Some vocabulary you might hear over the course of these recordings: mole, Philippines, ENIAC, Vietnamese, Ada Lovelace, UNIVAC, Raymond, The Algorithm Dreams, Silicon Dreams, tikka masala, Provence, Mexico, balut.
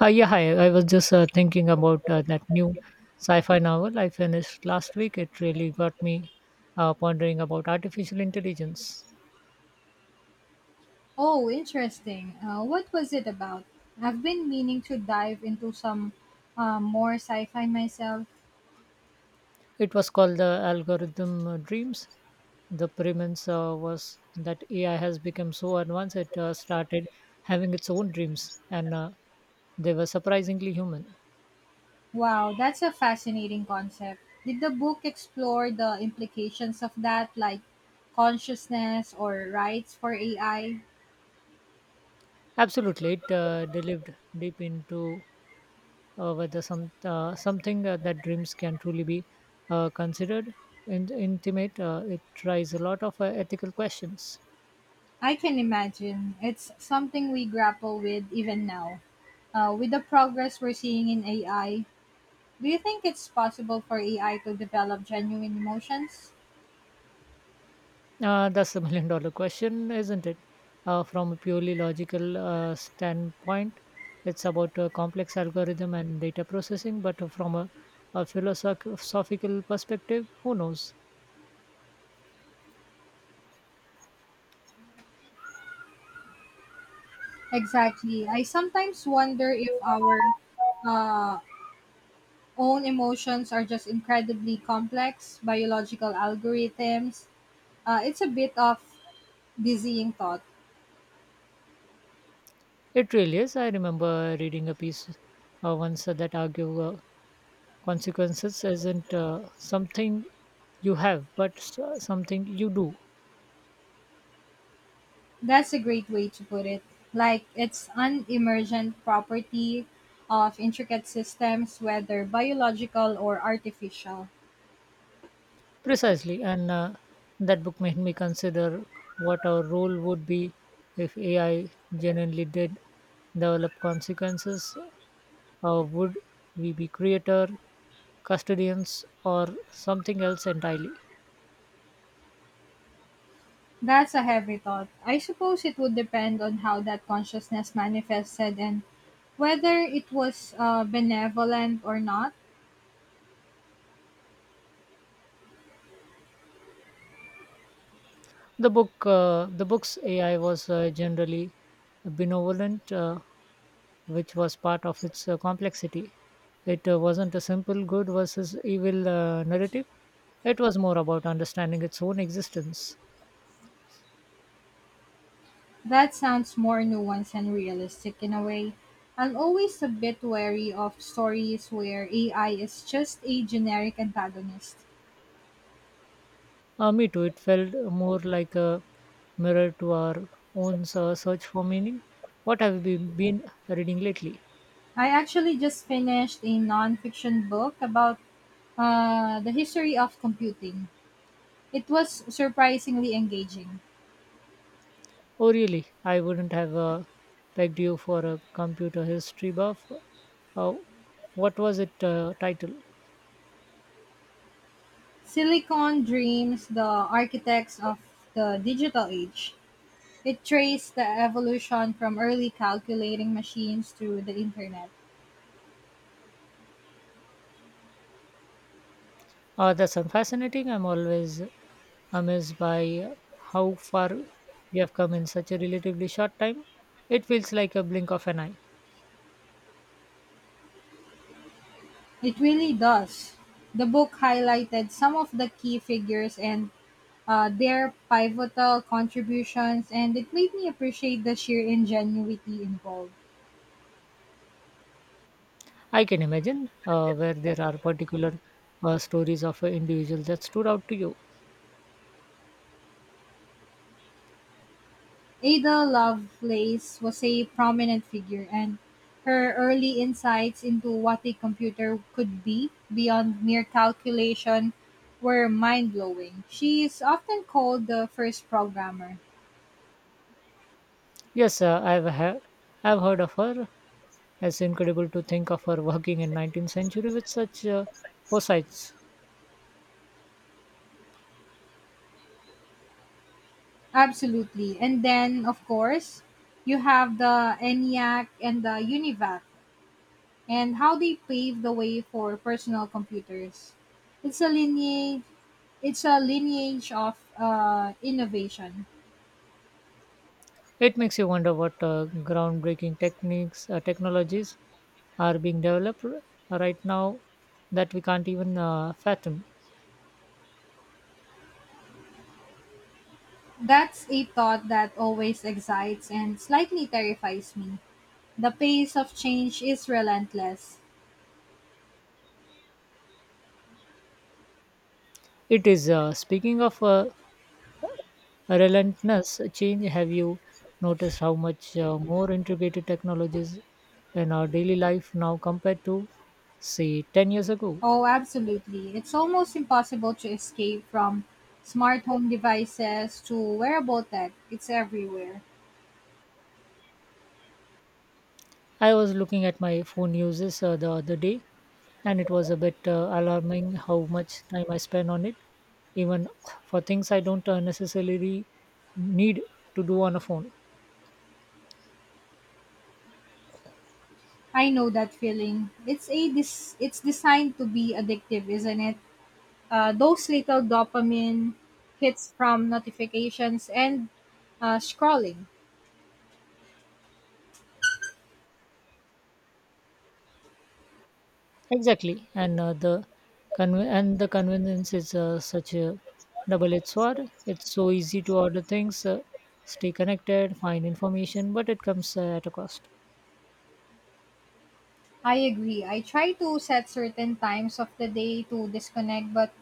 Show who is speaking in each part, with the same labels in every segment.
Speaker 1: Yeah, Hi. I was just thinking about that new sci-fi novel I finished last week. It really got me pondering about artificial intelligence.
Speaker 2: Oh, interesting. What was it about? I've been meaning to dive into some more sci fi myself.
Speaker 1: It was called The Algorithm Dreams. The premise was that AI has become so advanced it started having its own dreams, and they were surprisingly human.
Speaker 2: Wow, that's a fascinating concept. Did the book explore the implications of that, like consciousness or rights for AI?
Speaker 1: Absolutely, it delved deep into whether something that dreams can truly be considered intimate. It tries a lot of ethical questions.
Speaker 2: I can imagine. It's something we grapple with even now. With the progress we're seeing in AI, do you think it's possible for AI to develop genuine emotions?
Speaker 1: That's the million-dollar question, isn't it? From a purely logical standpoint, it's about a complex algorithm and data processing, but from a philosophical perspective, who knows?
Speaker 2: Exactly. I sometimes wonder if our uh, own emotions are just incredibly complex biological algorithms. It's a bit of dizzying thought.
Speaker 1: It really is. I remember reading a piece once that argue consequences isn't something you have but something you do.
Speaker 2: That's a great way to put it. Like it's an emergent property of intricate systems, whether biological or artificial.
Speaker 1: Precisely, and that book made me consider what our role would be if ai genuinely did develop consequences, or would we be creator, custodians, or something else entirely.
Speaker 2: That's a heavy thought. I suppose it would depend on how that consciousness manifested and whether it was benevolent or not.
Speaker 1: The book's ai was generally benevolent, which was part of its complexity. It wasn't a simple good versus evil narrative, it was more about understanding its own existence.
Speaker 2: That sounds more nuanced and realistic in a way. I'm always a bit wary of stories where AI is just a generic antagonist.
Speaker 1: Me too, it felt more like a mirror to our own search for meaning. What have you been reading lately?
Speaker 2: I actually just finished a nonfiction book about the history of computing. It was surprisingly engaging.
Speaker 1: Oh, really? I wouldn't have pegged you for a computer history buff. Uh, what was it title?
Speaker 2: Silicon Dreams, the architects of the digital age. It traced the evolution from early calculating machines to the internet.
Speaker 1: That's fascinating. I'm always amazed by how far we have come in such a relatively short time. It feels like a blink of an eye.
Speaker 2: It really does. The book highlighted some of the key figures and their pivotal contributions, and it made me appreciate the sheer ingenuity involved.
Speaker 1: I can imagine where there are particular stories of an individual that stood out to you.
Speaker 2: Ada Lovelace was a prominent figure, and her early insights into what a computer could be beyond mere calculation were mind blowing. She is often called the first programmer.
Speaker 1: Yes, I've heard of her. It's incredible to think of her working in 19th century with such foresights.
Speaker 2: Absolutely. And then, of course, you have the ENIAC and the UNIVAC and how they paved the way for personal computers. It's a lineage, it's a lineage of innovation.
Speaker 1: It makes you wonder what groundbreaking technologies are being developed right now that we can't even fathom.
Speaker 2: That's a thought that always excites and slightly terrifies me. The pace of change is relentless.
Speaker 1: It is. Speaking of relentless change, have you noticed how much more integrated technologies in our daily life now compared to, say, 10 years ago?
Speaker 2: Oh, absolutely. It's almost impossible to escape from smart home devices to wearable tech. It's everywhere.
Speaker 1: I was looking at my phone uses the other day, and it was a bit alarming how much time I spend on it, even for things I don't necessarily need to do on a phone.
Speaker 2: I know that feeling. It's designed to be addictive, isn't it? Those little dopamine hits from notifications and scrolling.
Speaker 1: Exactly, and the convenience is such a double-edged sword. It's so easy to order things, stay connected, find information, but it comes at a cost.
Speaker 2: I agree. I try to set certain times of the day to disconnect, but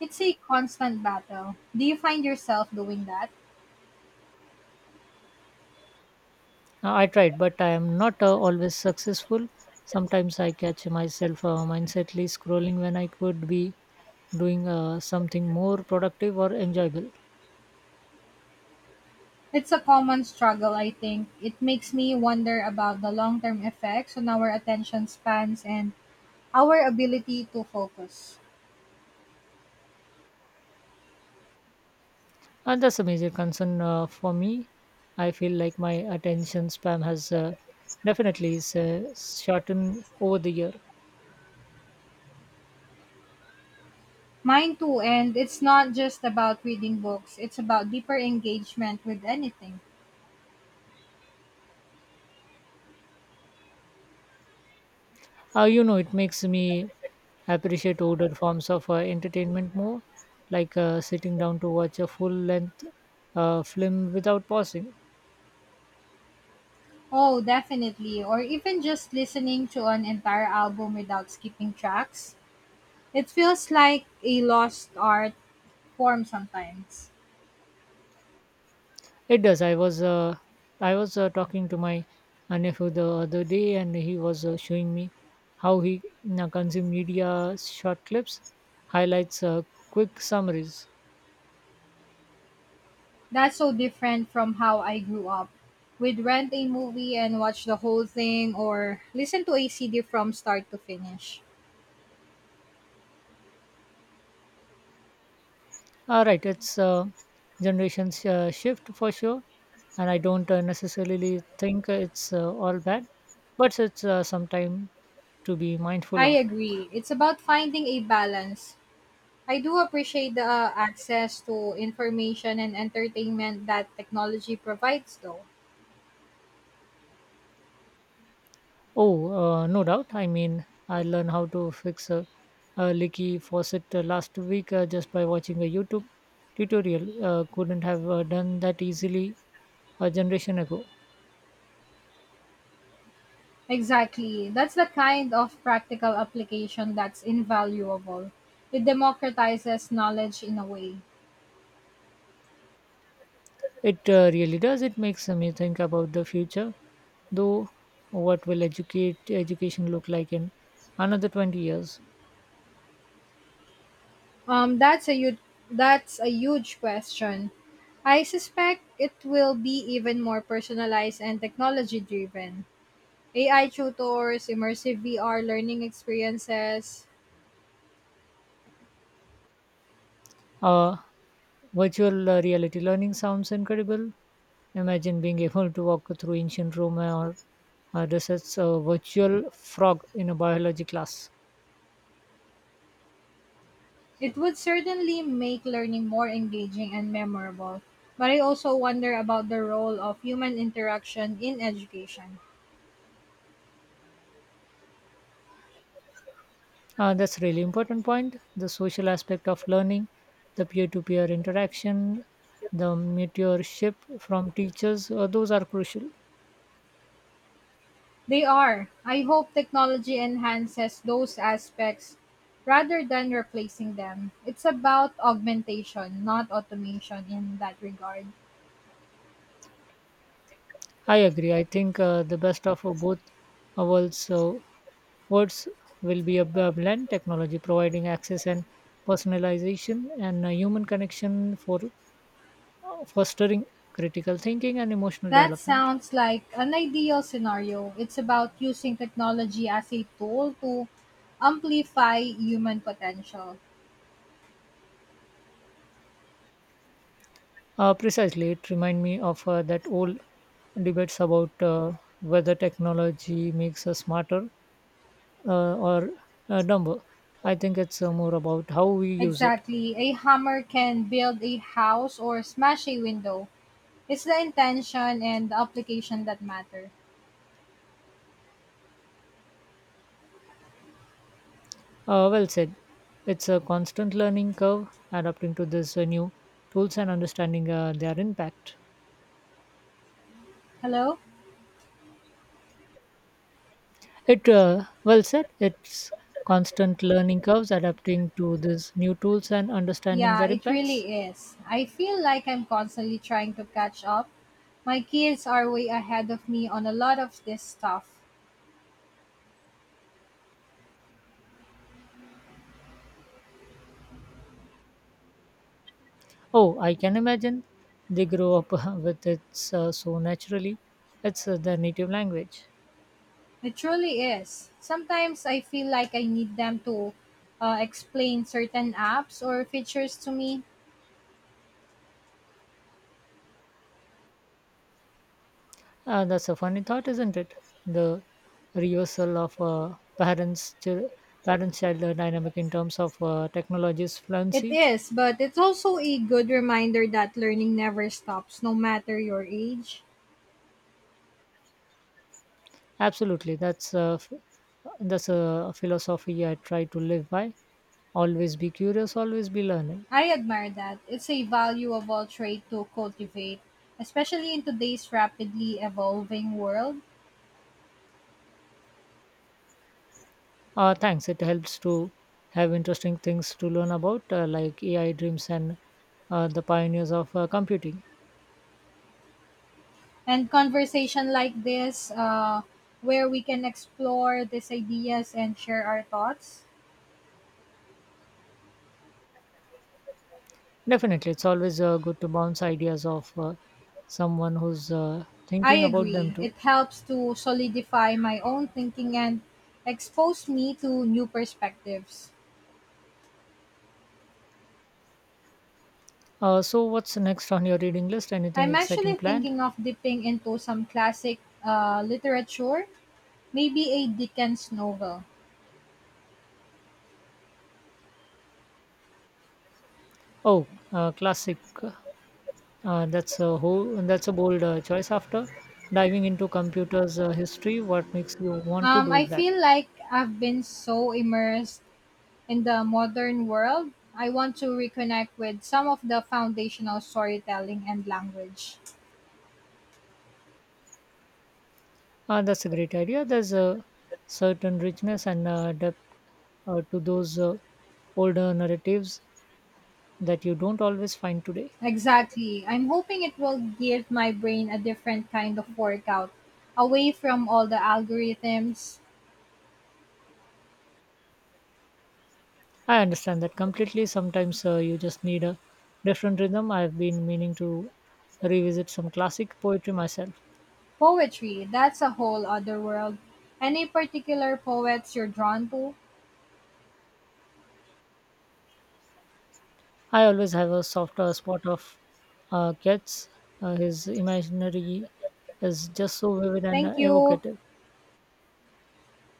Speaker 2: it's a constant battle. Do you find yourself doing that?
Speaker 1: I tried, but I am not always successful. Sometimes I catch myself mindsetly scrolling when I could be doing something more productive or enjoyable.
Speaker 2: It's a common struggle, I think. It makes me wonder about the long term effects on our attention spans and our ability to focus.
Speaker 1: And that's a major concern for me. I feel like my attention span has definitely shortened over the year.
Speaker 2: Mine too, and it's not just about reading books, it's about deeper engagement with anything.
Speaker 1: It makes me appreciate older forms of entertainment more, like sitting down to watch a full length film without pausing.
Speaker 2: Oh, definitely. Or even just listening to an entire album without skipping tracks. It feels like a lost art form sometimes.
Speaker 1: It does. I was talking to my nephew the other day, and he was showing me how he consumes media short clips, highlights, quick summaries.
Speaker 2: That's so different from how I grew up. We'd rent a movie and watch the whole thing, or listen to a CD from start to finish.
Speaker 1: All right, it's generations shift for sure, and I don't necessarily think it's all bad, but it's some time to be mindful
Speaker 2: I
Speaker 1: of.
Speaker 2: agree. It's about finding a balance. I do appreciate the access to information and entertainment that technology provides, though.
Speaker 1: Oh, no doubt. I mean, I learned how to fix a leaky faucet last week just by watching a YouTube tutorial. Couldn't have done that easily a generation ago.
Speaker 2: Exactly. That's the kind of practical application that's invaluable. It democratizes knowledge in a way.
Speaker 1: It really does. It makes me think about the future, though. What will educate education look like in another 20 years?
Speaker 2: Um, that's a huge, that's a huge question. I suspect it will be even more personalized and technology driven. AI tutors, immersive VR learning experiences.
Speaker 1: Uh, Virtual reality learning sounds incredible. Imagine being able to walk through ancient Rome or research a virtual frog in a biology class.
Speaker 2: It would certainly make learning more engaging and memorable, but I also wonder about the role of human interaction in education.
Speaker 1: That's really important point. The social aspect of learning, the peer-to-peer interaction, the mentorship from teachers, those are crucial.
Speaker 2: They are. I hope technology enhances those aspects rather than replacing them. It's about augmentation, not automation in that regard.
Speaker 1: I agree. I think the best of both worlds uh, worlds will be a blend technology providing access and personalization and human connection for fostering critical thinking and emotional
Speaker 2: That
Speaker 1: development.
Speaker 2: sounds like an ideal scenario. It's about using technology as a tool to amplify human potential.
Speaker 1: Precisely, it reminds me of that old debates about whether technology makes us smarter or dumber. I think it's more about how we use it.
Speaker 2: Exactly. A hammer can build a house or smash a window. It's the intention and the application that matter.
Speaker 1: Well said. It's a constant learning curve, adapting to this new tools and understanding their impact.
Speaker 2: Hello?
Speaker 1: It well said. It's constant learning curves, adapting to these new tools and understanding
Speaker 2: Yeah,
Speaker 1: their
Speaker 2: it
Speaker 1: impacts.
Speaker 2: really is. I feel like I'm constantly trying to catch up. My kids are way ahead of me on a lot of this stuff.
Speaker 1: Oh, I can imagine. They grow up with it so naturally. It's their native language.
Speaker 2: It truly is. Sometimes I feel like I need them to explain certain apps or features to me.
Speaker 1: That's a funny thought, isn't it? The reversal of parents child dynamic in terms of technology's
Speaker 2: It
Speaker 1: fluency.
Speaker 2: is, but it's also a good reminder that learning never stops, no matter your age.
Speaker 1: Absolutely, that's a philosophy I try to live by. Always be curious, always be learning.
Speaker 2: I admire that. It's a valuable trait to cultivate, especially in today's rapidly evolving world.
Speaker 1: Thanks. It helps to have interesting things to learn about, like AI dreams and the pioneers of computing.
Speaker 2: And conversation like this, where we can explore these ideas and share our thoughts.
Speaker 1: Definitely, it's always good to bounce ideas off someone who's
Speaker 2: I
Speaker 1: thinking about them
Speaker 2: agree. It
Speaker 1: too.
Speaker 2: helps to solidify my own thinking and expose me to new perspectives.
Speaker 1: So, what's next on your reading list? Anything
Speaker 2: I'm
Speaker 1: exciting
Speaker 2: actually
Speaker 1: planned?
Speaker 2: thinking of dipping into some classic literature, maybe a Dickens novel.
Speaker 1: Oh, classic. That's a bold choice. After diving into computers history, what makes you want to do
Speaker 2: I
Speaker 1: that?
Speaker 2: feel like I've been so immersed in the modern world. I want to reconnect with some of the foundational storytelling and language.
Speaker 1: Ah, that's a great idea. There's a certain richness and depth to those older narratives that you don't always find today.
Speaker 2: Exactly. I'm hoping it will give my brain a different kind of workout, away from all the algorithms.
Speaker 1: I understand that completely. Sometimes you just need a different rhythm. I've been meaning to revisit some classic poetry myself.
Speaker 2: Poetry, that's a whole other world. Any particular poets you're drawn to?
Speaker 1: I always have a softer spot of Keats. His imaginary is just so vivid and
Speaker 2: Thank you.
Speaker 1: evocative.